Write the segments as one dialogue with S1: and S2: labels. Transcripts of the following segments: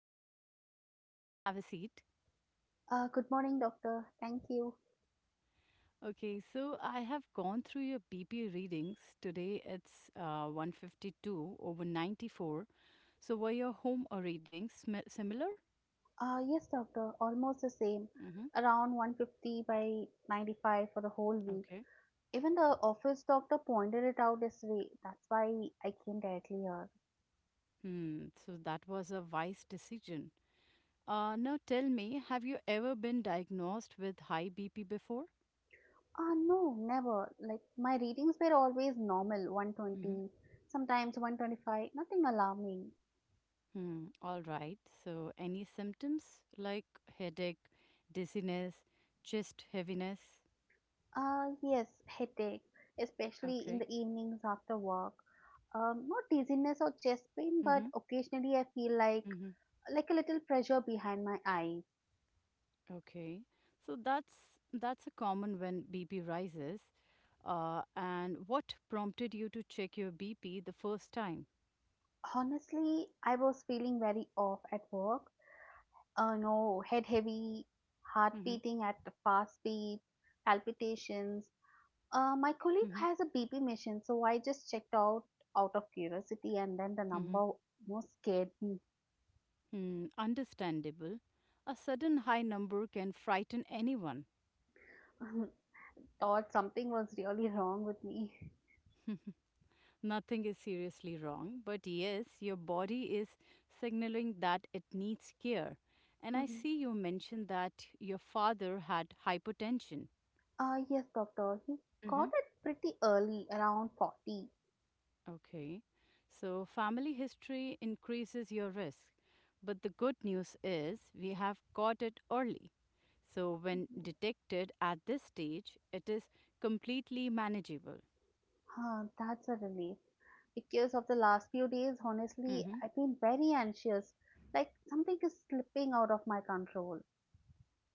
S1: Deshmukh. Please come in, have a seat.
S2: Good morning, doctor. Thank you.
S1: Okay, so I have gone through your BP readings. Today it's 152 over 94. So were your home or readings similar?
S2: Yes, doctor, almost the same.
S1: Mm-hmm.
S2: Around 150 by 95 for the whole week.
S1: Okay.
S2: Even the office doctor pointed it out this way. That's why I came directly here.
S1: Hmm, so that was a wise decision. Now tell me, have you ever been diagnosed with high BP before?
S2: No, never. Like, my readings were always normal
S1: Mm-hmm.
S2: 120, sometimes 125, nothing alarming.
S1: Hmm, all right. So any symptoms like headache, dizziness, chest heaviness?
S2: Yes, headache, especially in the
S1: Okay.
S2: evenings after work. Not dizziness or chest pain, but
S1: Mm-hmm.
S2: occasionally I feel like
S1: Mm-hmm.
S2: like a little pressure behind my eyes.
S1: Okay. So that's a common when BP rises. And what prompted you to check your BP the first time?
S2: Honestly, I was feeling very off at work. No, head heavy, heart
S1: Mm-hmm.
S2: beating at a fast speed, palpitations. My colleague
S1: Mm-hmm.
S2: has a BP mission, so I just checked out of curiosity, and then the
S1: Mm-hmm.
S2: number most scared me.
S1: Hmm. Understandable. A sudden high number can frighten anyone.
S2: Thought something was really wrong with me.
S1: Nothing is seriously wrong, but yes, your body is signaling that it needs care. And I see you mentioned that your father had hypertension.
S2: Yes, doctor. He got it pretty early, around 40.
S1: Okay. So family history increases your risk. But the good news is we have caught it early. So when detected at this stage, it is completely manageable.
S2: Huh, that's a relief. Because of the last few days, honestly,
S1: Mm-hmm.
S2: I've been very anxious. Like something is slipping out of my control.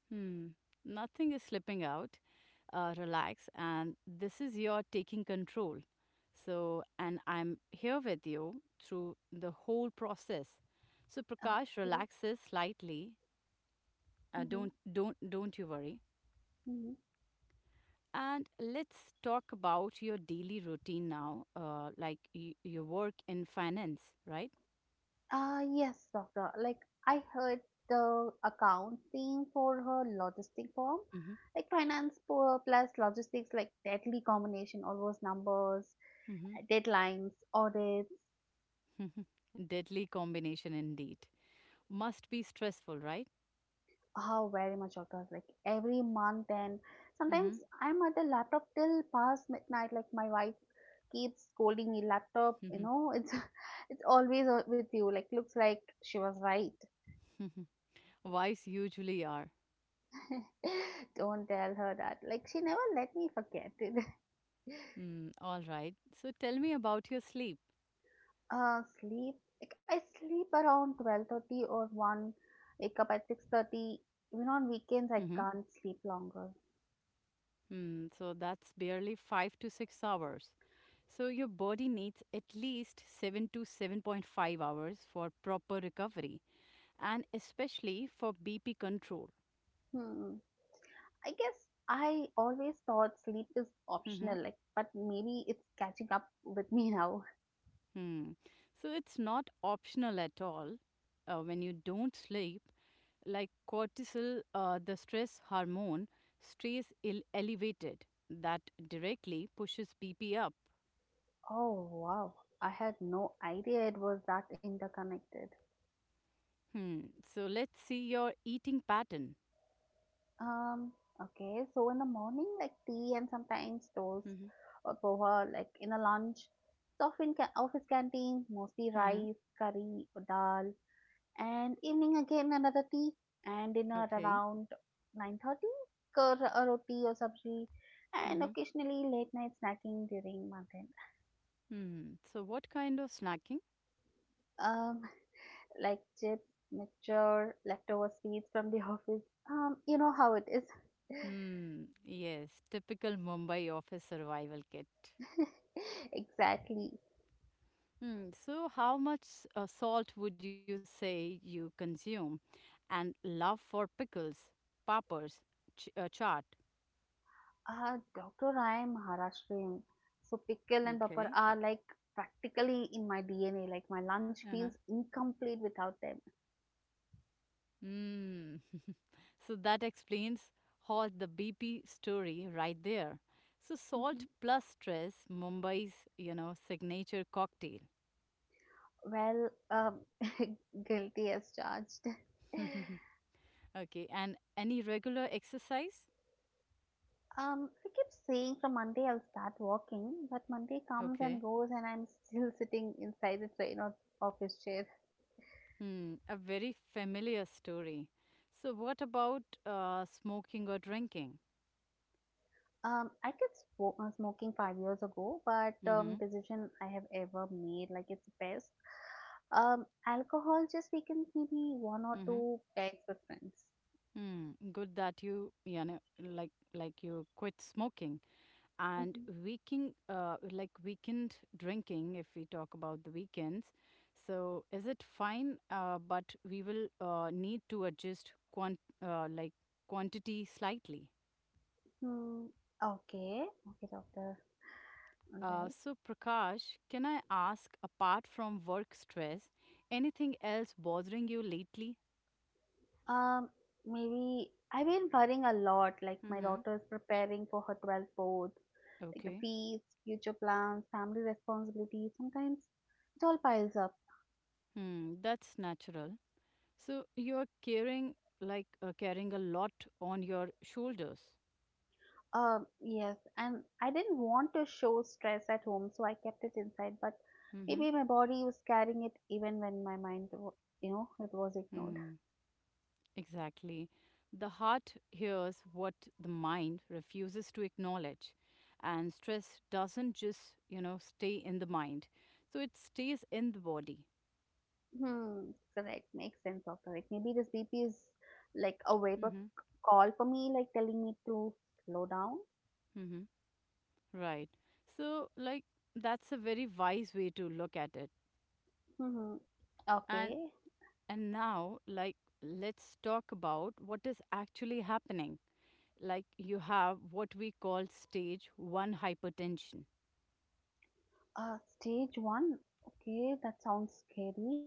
S1: Hmm. Nothing is slipping out. Relax. And this is your taking control. So, and I'm here with you through the whole process. So Prakash
S2: Okay.
S1: relaxes slightly. Uh,
S2: Mm-hmm.
S1: don't don't don't you worry.
S2: Mm-hmm.
S1: And let's talk about your daily routine now, like your work in finance, right?
S2: Yes, doctor. Like I heard the accounting for her logistic form, like finance plus logistics, like deadly combination, all those numbers,
S1: Hmm.
S2: deadlines, audits.
S1: Hmm. Deadly combination indeed. Must be stressful, right?
S2: How very much doctors like every month and
S1: Hmm.
S2: sometimes I'm at the laptop till past midnight. Like my wife keeps scolding me, laptop. You know, it's it's always with you. Like looks like she was right.
S1: Wives usually are.
S2: Don't tell her that. Like she never let me forget it.
S1: Mm, all right. So tell me about your sleep.
S2: Sleep. Like I sleep around 12:30 or one. Wake up at 6:30. Even on weekends
S1: Hmm.
S2: I can't sleep longer.
S1: So that's barely 5 to 6 hours. So your body needs at least seven to 7.5 hours for proper recovery. And especially for BP control.
S2: Hmm. I guess I always thought sleep is
S1: Mhm.
S2: optional, like, but maybe it's catching up with me now.
S1: Hmm. So it's not optional at all. When you don't sleep, like cortisol, the stress hormone, stays ill elevated. That directly pushes BP up.
S2: Oh, wow. I had no idea it was that interconnected.
S1: Hmm. So let's see your eating pattern.
S2: Um, okay, so in the morning, like tea and sometimes toast
S1: Hmm.
S2: or poha, like in the lunch, it's often office canteen, mostly
S1: Hmm.
S2: rice, curry, or dal. And evening again another tea and dinner
S1: Okay.
S2: around 9:30, curd or roti or sabji, and
S1: Hmm.
S2: occasionally late night snacking during month end.
S1: Hmm. So what kind of snacking?
S2: um like chips, mixture, leftover sweets from the office. You know how it is.
S1: Hmm. Yes, typical Mumbai office survival kit.
S2: Exactly.
S1: So, how much salt would you say you consume? And love for pickles, peppers, chaat.
S2: Dr., I am Maharashtrian, so pickle and papad
S1: Okay.
S2: are like practically in my DNA. Like my lunch feels
S1: Uh-huh.
S2: incomplete without them.
S1: Mm. So that explains all the BP story right there. So salt plus stress, Mumbai's signature cocktail.
S2: Well, guilty as charged.
S1: Okay, and any regular exercise?
S2: I keep saying from Monday I'll start walking, but Monday comes and
S1: Okay.
S2: goes, and I'm still sitting inside the train or office chair.
S1: Hmm, a very familiar story. So, what about smoking or drinking?
S2: I quit smoking 5 years ago, but
S1: Mm-hmm.
S2: decision I have ever made, like it's best. Alcohol just weekends, maybe one or
S1: Mm-hmm.
S2: two dates with friends.
S1: Hmm. Good that you, like you quit smoking and
S2: Mm-hmm.
S1: weekend, like weekend drinking. If we talk about the weekends, so is it fine? But we will need to adjust uh, like quantity slightly.
S2: Hmm. Okay. Okay, doctor. All
S1: Uh,
S2: right.
S1: so, Prakash, can I ask, apart from work stress, anything else bothering you lately?
S2: Um, Maybe I've been worrying a lot, like my
S1: Mm-hmm.
S2: daughter's preparing for her 12th board, like the
S1: Okay.
S2: fees, future plans, family responsibilities. Sometimes it all piles up.
S1: Hmm, that's natural. So, you're carrying a lot on your shoulders.
S2: Yes, and I didn't want to show stress at home, so I kept it inside. But
S1: Mm-hmm.
S2: maybe my body was carrying it even when my mind, it was ignored.
S1: Hmm, exactly. The heart hears what the mind refuses to acknowledge, and stress doesn't just, stay in the mind. So it stays in the body.
S2: Hmm, correct. Makes sense of correct. Maybe this BP is like a wake up
S1: Mm-hmm.
S2: call for me, like telling me to slow down.
S1: Right. So, like, that's a very wise way to look at it.
S2: Mhm.
S1: And
S2: Okay.
S1: and now, like, let's talk about what is actually happening. Like, you have what we call stage one hypertension.
S2: Stage one. Okay, that sounds scary.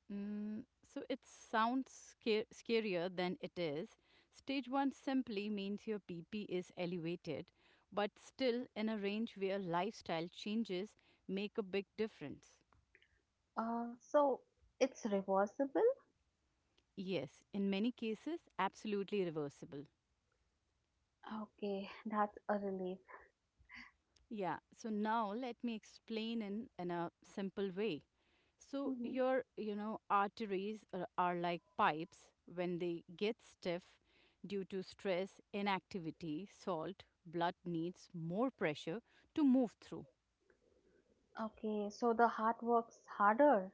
S1: So it sounds scarier than it is. Stage one simply means your BP is elevated, but still in a range where lifestyle changes make a big difference.
S2: So it's reversible.
S1: Yes, in many cases, absolutely reversible.
S2: Okay, that's a relief.
S1: Yeah, so now let me explain in a simple way. So
S2: Mhm.
S1: your, arteries are like pipes when they get stiff due to stress, inactivity, salt, blood needs more pressure to move through.
S2: Okay, so the heart works harder.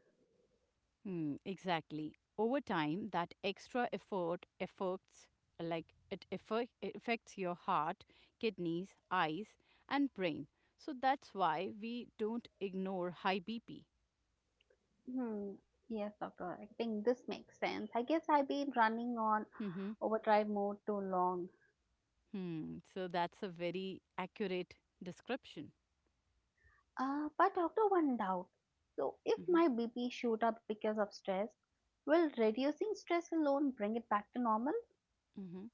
S1: Hmm, exactly. Over time, that extra effort affects like it affect- it affects your heart, kidneys, eyes, and brain. So that's why we don't ignore high BP.
S2: Hmm. Yes, doctor. I think this makes sense. I guess I've been running on overdrive mode too long.
S1: Hmm. So that's a very accurate description.
S2: But doctor, one doubt. So if
S1: Hmm.
S2: my BP shoot up because of stress, will reducing stress alone bring it back to
S1: Hmm.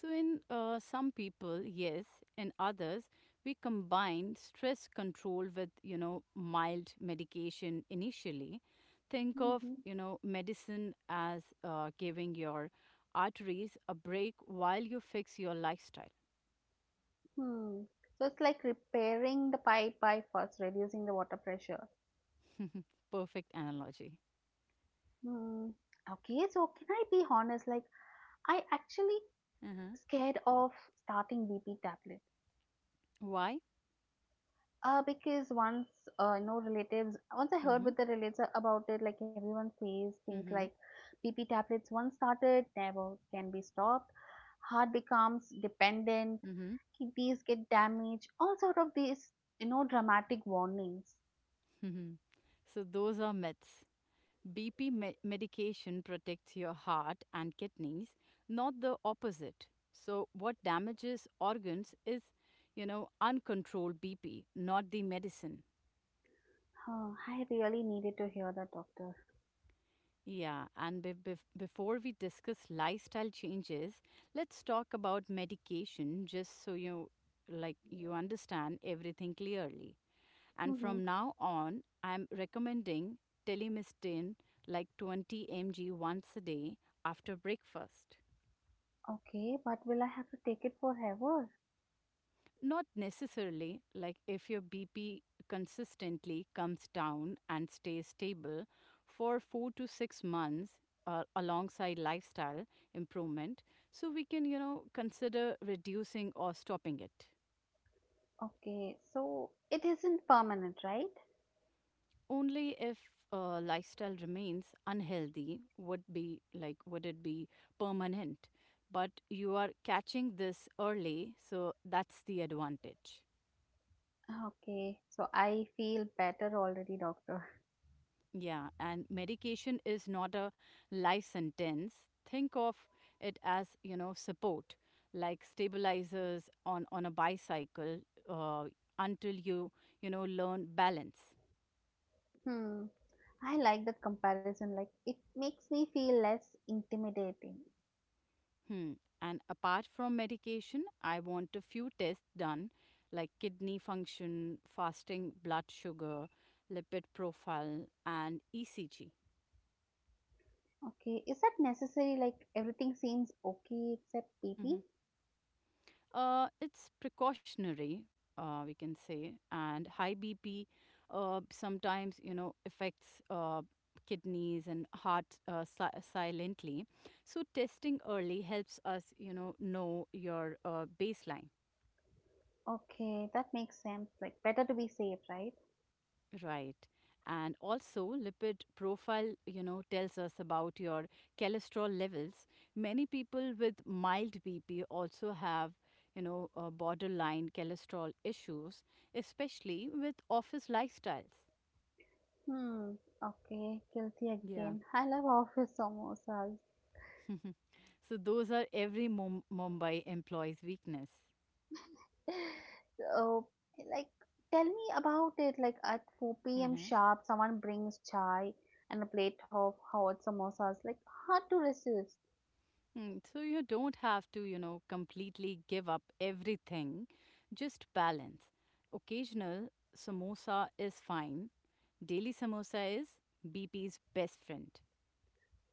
S1: So in some people, yes, in others, we combine stress control with mild medication initially. Think of
S2: normal?
S1: medicine as giving your arteries a break while you fix your lifestyle.
S2: Hmm. So it's like repairing the pipe by first reducing the water pressure.
S1: Perfect analogy.
S2: Hmm. Okay, so can I be honest? Like, I actually
S1: Uh-huh.
S2: scared of starting BP tablet.
S1: Why?
S2: Because once I heard
S1: Mm-hmm.
S2: with the relatives about it, like everyone says things like
S1: Mm-hmm.
S2: BP tablets once started, never can be stopped. Heart becomes dependent, kidneys get damaged, all sort of these, you know, dramatic warnings.
S1: Mm-hmm. So those are myths. BP medication protects your heart and kidneys, not the opposite. So, what damages organs is, uncontrolled BP, not the medicine.
S2: Oh, I really needed to hear that, doctor.
S1: Yeah, and before we discuss lifestyle changes, let's talk about medication just so you understand everything clearly. And
S2: Mm-hmm.
S1: from now on, I'm recommending telemistine like 20 mg once a day after breakfast.
S2: Okay, but will I have to take it forever?
S1: Not necessarily. Like if your BP consistently comes down and stays stable for 4 to 6 months alongside lifestyle improvement, so we can, consider reducing or stopping it.
S2: Okay, so it isn't permanent, right?
S1: Only if lifestyle remains unhealthy would it be permanent, but you are catching this early, so that's the advantage.
S2: Okay, so I feel better already, doctor.
S1: Yeah, and medication is not a life sentence. Think of it as, support, like stabilizers on a bicycle uh, until you learn balance.
S2: Hmm, I like that comparison. Like, it makes me feel less intimidating.
S1: Hmm. And apart from medication, I want a few tests done, like kidney function, fasting blood sugar, lipid profile, and ECG.
S2: Okay, is that necessary? Like, everything seems okay except PP?
S1: It's precautionary, we can say, and high BP sometimes affects kidneys and heart silently. So testing early helps us know your baseline.
S2: Okay, that makes sense. Like, better to be safe, right?
S1: Right. And also, lipid profile, tells us about your cholesterol levels. Many people with mild BP also have, borderline cholesterol issues, especially with office lifestyles.
S2: Hmm, okay, guilty
S1: Yeah.
S2: again. I love office samosas.
S1: So those are every Mumbai employee's weakness.
S2: So, like, tell me about it. Like, at 4 p.m.
S1: Mm-hmm.
S2: sharp, someone brings chai and a plate of hot samosas. Like, hard to resist.
S1: Hmm, so you don't have to, completely give up everything, just balance. Occasional samosa is fine. Daily samosa is BP's best friend.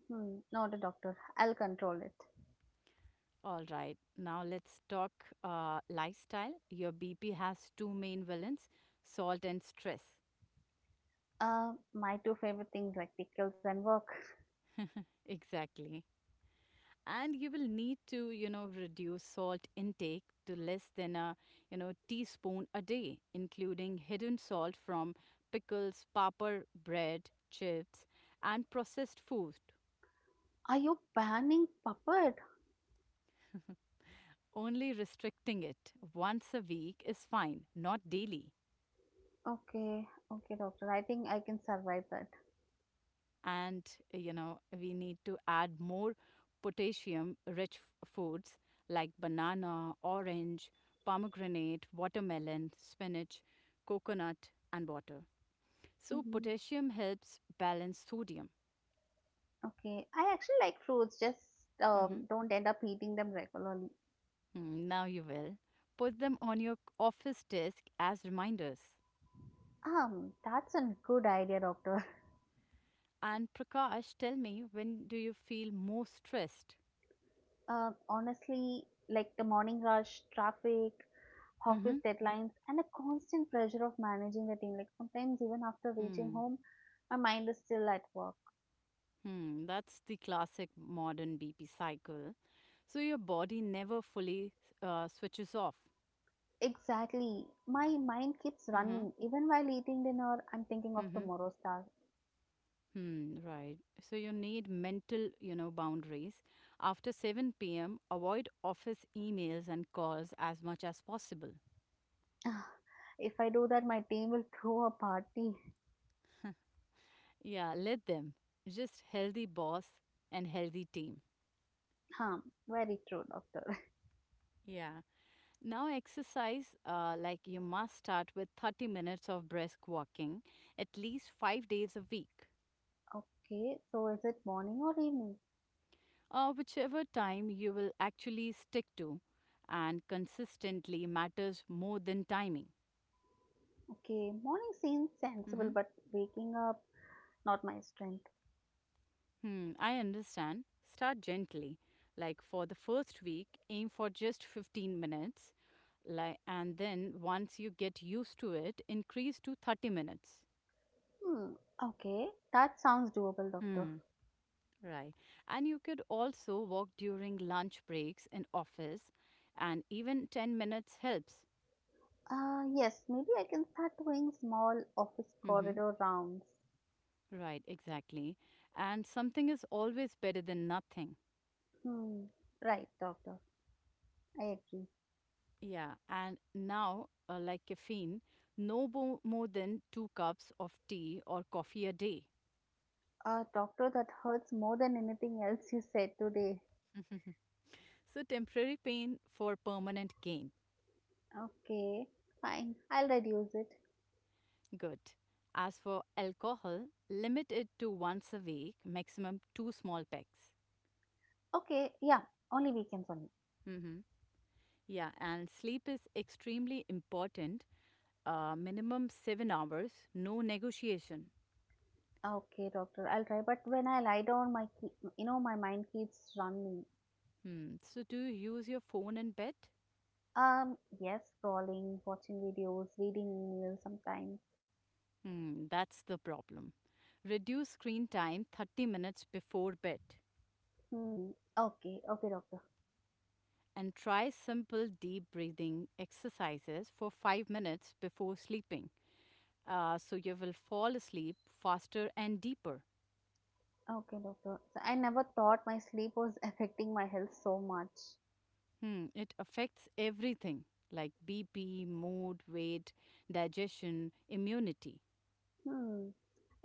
S2: Hmm, not a doctor. I'll control it.
S1: All right, now let's talk lifestyle. Your BP has two main villains: salt and stress.
S2: My two favorite things, like pickles and work.
S1: Exactly. And you will need to reduce salt intake to less than a teaspoon a day, including hidden salt from pickles, paper, bread, chips, and processed food.
S2: Are you banning puppet?
S1: Only restricting it once a week is fine, not daily.
S2: Okay, okay, doctor. I think I can survive that.
S1: And we need to add more potassium rich foods like banana, orange, pomegranate, watermelon, spinach, coconut, and water. So
S2: hmm
S1: potassium helps balance sodium.
S2: Okay, I actually like fruits. Just
S1: Mhm.
S2: don't end up eating them regularly.
S1: Now you will. Put them on your office desk as reminders.
S2: That's a good idea, doctor.
S1: And Prakash, tell me, when do you feel most stressed?
S2: Honestly, like the morning rush, traffic, office
S1: Mm-hmm.
S2: deadlines, and the constant pressure of managing the team. Like sometimes, even after reaching
S1: Hmm.
S2: home, my mind is still at work.
S1: Hmm. That's the classic modern BP cycle. So your body never fully switches off.
S2: Exactly. My mind keeps
S1: Mm-hmm.
S2: running. Even while eating dinner, I'm thinking of
S1: Mm-hmm.
S2: tomorrow's task.
S1: Hmm, right. So you need mental, boundaries. After 7 p.m., avoid office emails and calls as much as possible.
S2: Ah, if I do that, my team will throw a party.
S1: Yeah, let them. Just healthy boss and healthy team.
S2: Huh, very true, doctor.
S1: Yeah. Now, exercise, like you must start with 30 minutes of brisk walking at least 5 days a week,
S2: Okay, so is it morning or evening?
S1: whichever time you will actually stick to, and consistently matters more than timing.
S2: Okay, morning seems sensible,
S1: Mhm.
S2: but waking up, not my strength.
S1: Hmm, I understand. Start gently. Like for the first week, aim for just 15 minutes. Like, and then once you get used to it, increase to 30 minutes.
S2: Hmm, okay, that sounds doable, doctor.
S1: Hmm, right. And you could also walk during lunch breaks in office, and even 10 minutes helps.
S2: Yes, maybe I can start doing small office
S1: Mm-hmm.
S2: corridor rounds.
S1: Right, exactly. And something is always better than nothing.
S2: Hmm, right, doctor. I agree.
S1: Yeah, and now, like caffeine, no more than two cups of tea or coffee a day.
S2: Doctor, that hurts more than anything else you said today.
S1: So, temporary pain for permanent gain.
S2: Okay, fine. I'll reduce it.
S1: Good. As for alcohol, limit it to once a week, maximum two small packs.
S2: Okay, yeah, only weekends only.
S1: Hmm. Yeah, and sleep is extremely important. Minimum 7 hours, no negotiation.
S2: Okay, doctor, I'll try. But when I lie down, my ke- you know my mind keeps running.
S1: Hmm. So, do you use your phone in bed?
S2: Yes, scrolling, watching videos, reading emails sometimes.
S1: Hmm, that's the problem. Reduce screen time 30 minutes before bed
S2: Hmm. Okay, okay, doctor.
S1: and try simple deep breathing exercises for 5 minutes before sleeping, so you will fall asleep faster and deeper.
S2: Okay, doctor. So I never thought my sleep was affecting my health so much.
S1: Hmm, it affects everything like BP, mood, weight, digestion, immunity.
S2: Hmm.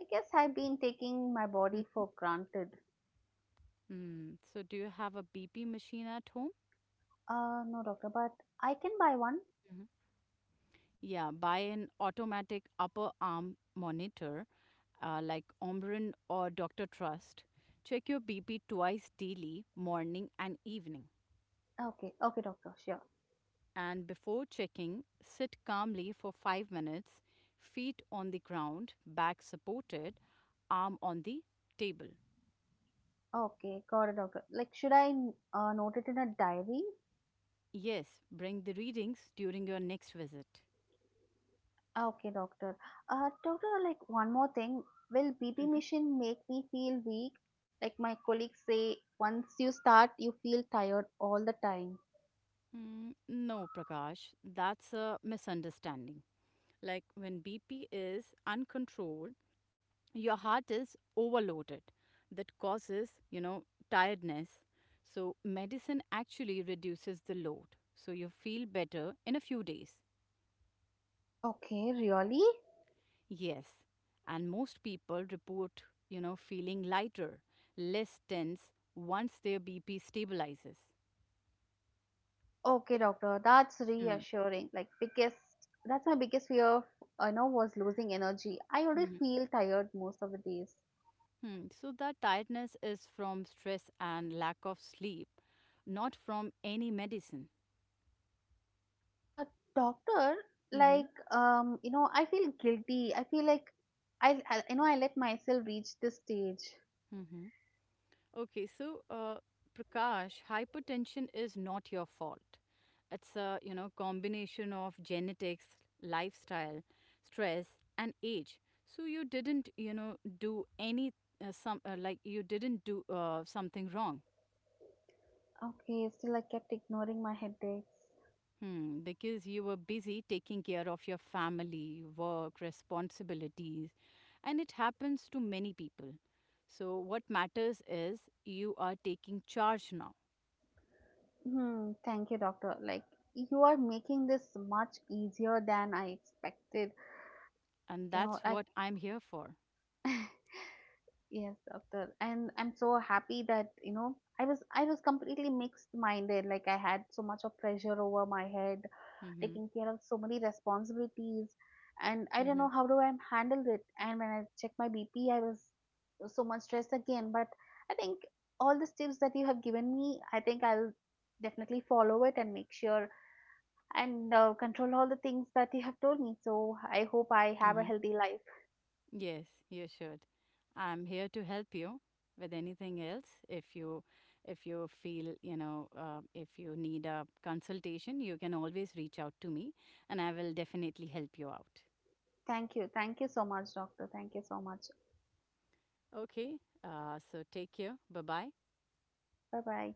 S2: I guess I've been taking my body
S1: Hmm.
S2: for granted.
S1: Hmm, so, do you have a BP machine at home?
S2: No, doctor, but I can buy one.
S1: Yeah, buy an automatic upper arm monitor, like Omron or Dr. Trust. Check your BP twice daily, morning and evening.
S2: Okay, okay, doctor, sure.
S1: And before checking, sit calmly for 5 minutes, feet on the ground, back supported, arm on the table.
S2: Okay, got it, doctor. Like, should I note it in a diary?
S1: Yes, bring the readings during your next visit.
S2: Okay, doctor. Doctor, like one more thing. Will B B
S1: Mhm.
S2: machine make me feel weak? Like my colleagues say, once you start, you feel tired all the time.
S1: No, Prakash, that's a misunderstanding. Like when BP is uncontrolled, your heart is overloaded that causes tiredness, so medicine actually reduces the load, so you feel better in a few days.
S2: Okay, really?
S1: Yes, and most people report feeling lighter, less tense once their bp stabilizes.
S2: Okay, doctor, that's
S1: Hmm.
S2: reassuring. Like biggest that's my biggest fear I know was losing energy. I already
S1: Mhm.
S2: feel tired most of the days.
S1: Hmm. So that tiredness is from stress and lack of sleep, not from any medicine.
S2: Uh Doctor,
S1: Mm-hmm.
S2: like I feel guilty. I feel like I you know I let myself reach this stage.
S1: Mm-hmm. Okay, so Prakash, hypertension is not your fault. It's a combination of genetics, lifestyle, stress, and age. So you didn't you know do any some like you didn't do something wrong.
S2: Okay, still I kept ignoring my headaches.
S1: Hmm, because you were busy taking care of your family, work, responsibilities, and it happens to many people. So what matters is you are taking charge now,
S2: Hmm, thank you, doctor. Like you are making this much easier than I expected.
S1: and
S2: You know,
S1: that's
S2: like
S1: what I'm here for.
S2: Yes, doctor. And I'm so happy that, you know, I was completely mixed minded. Like I had so much of pressure over my head,
S1: Mm-hmm.
S2: taking care of so many responsibilities, and I don't
S1: Mm-hmm.
S2: know how do I handle it. And when I checked my BP, I was so much stressed again. But I think all the tips that you have given me, I think I'll definitely follow it and make sure and control all the things that you have told me. So I hope I have a
S1: Mm-hmm.
S2: healthy life.
S1: Yes, you should. I'm here to help you with anything else. If you need a consultation, you can always reach out to me and I will definitely help you out.
S2: Thank you. Thank you so much, doctor. Thank you so much.
S1: Okay? So take care. Bye-bye.
S2: Bye bye.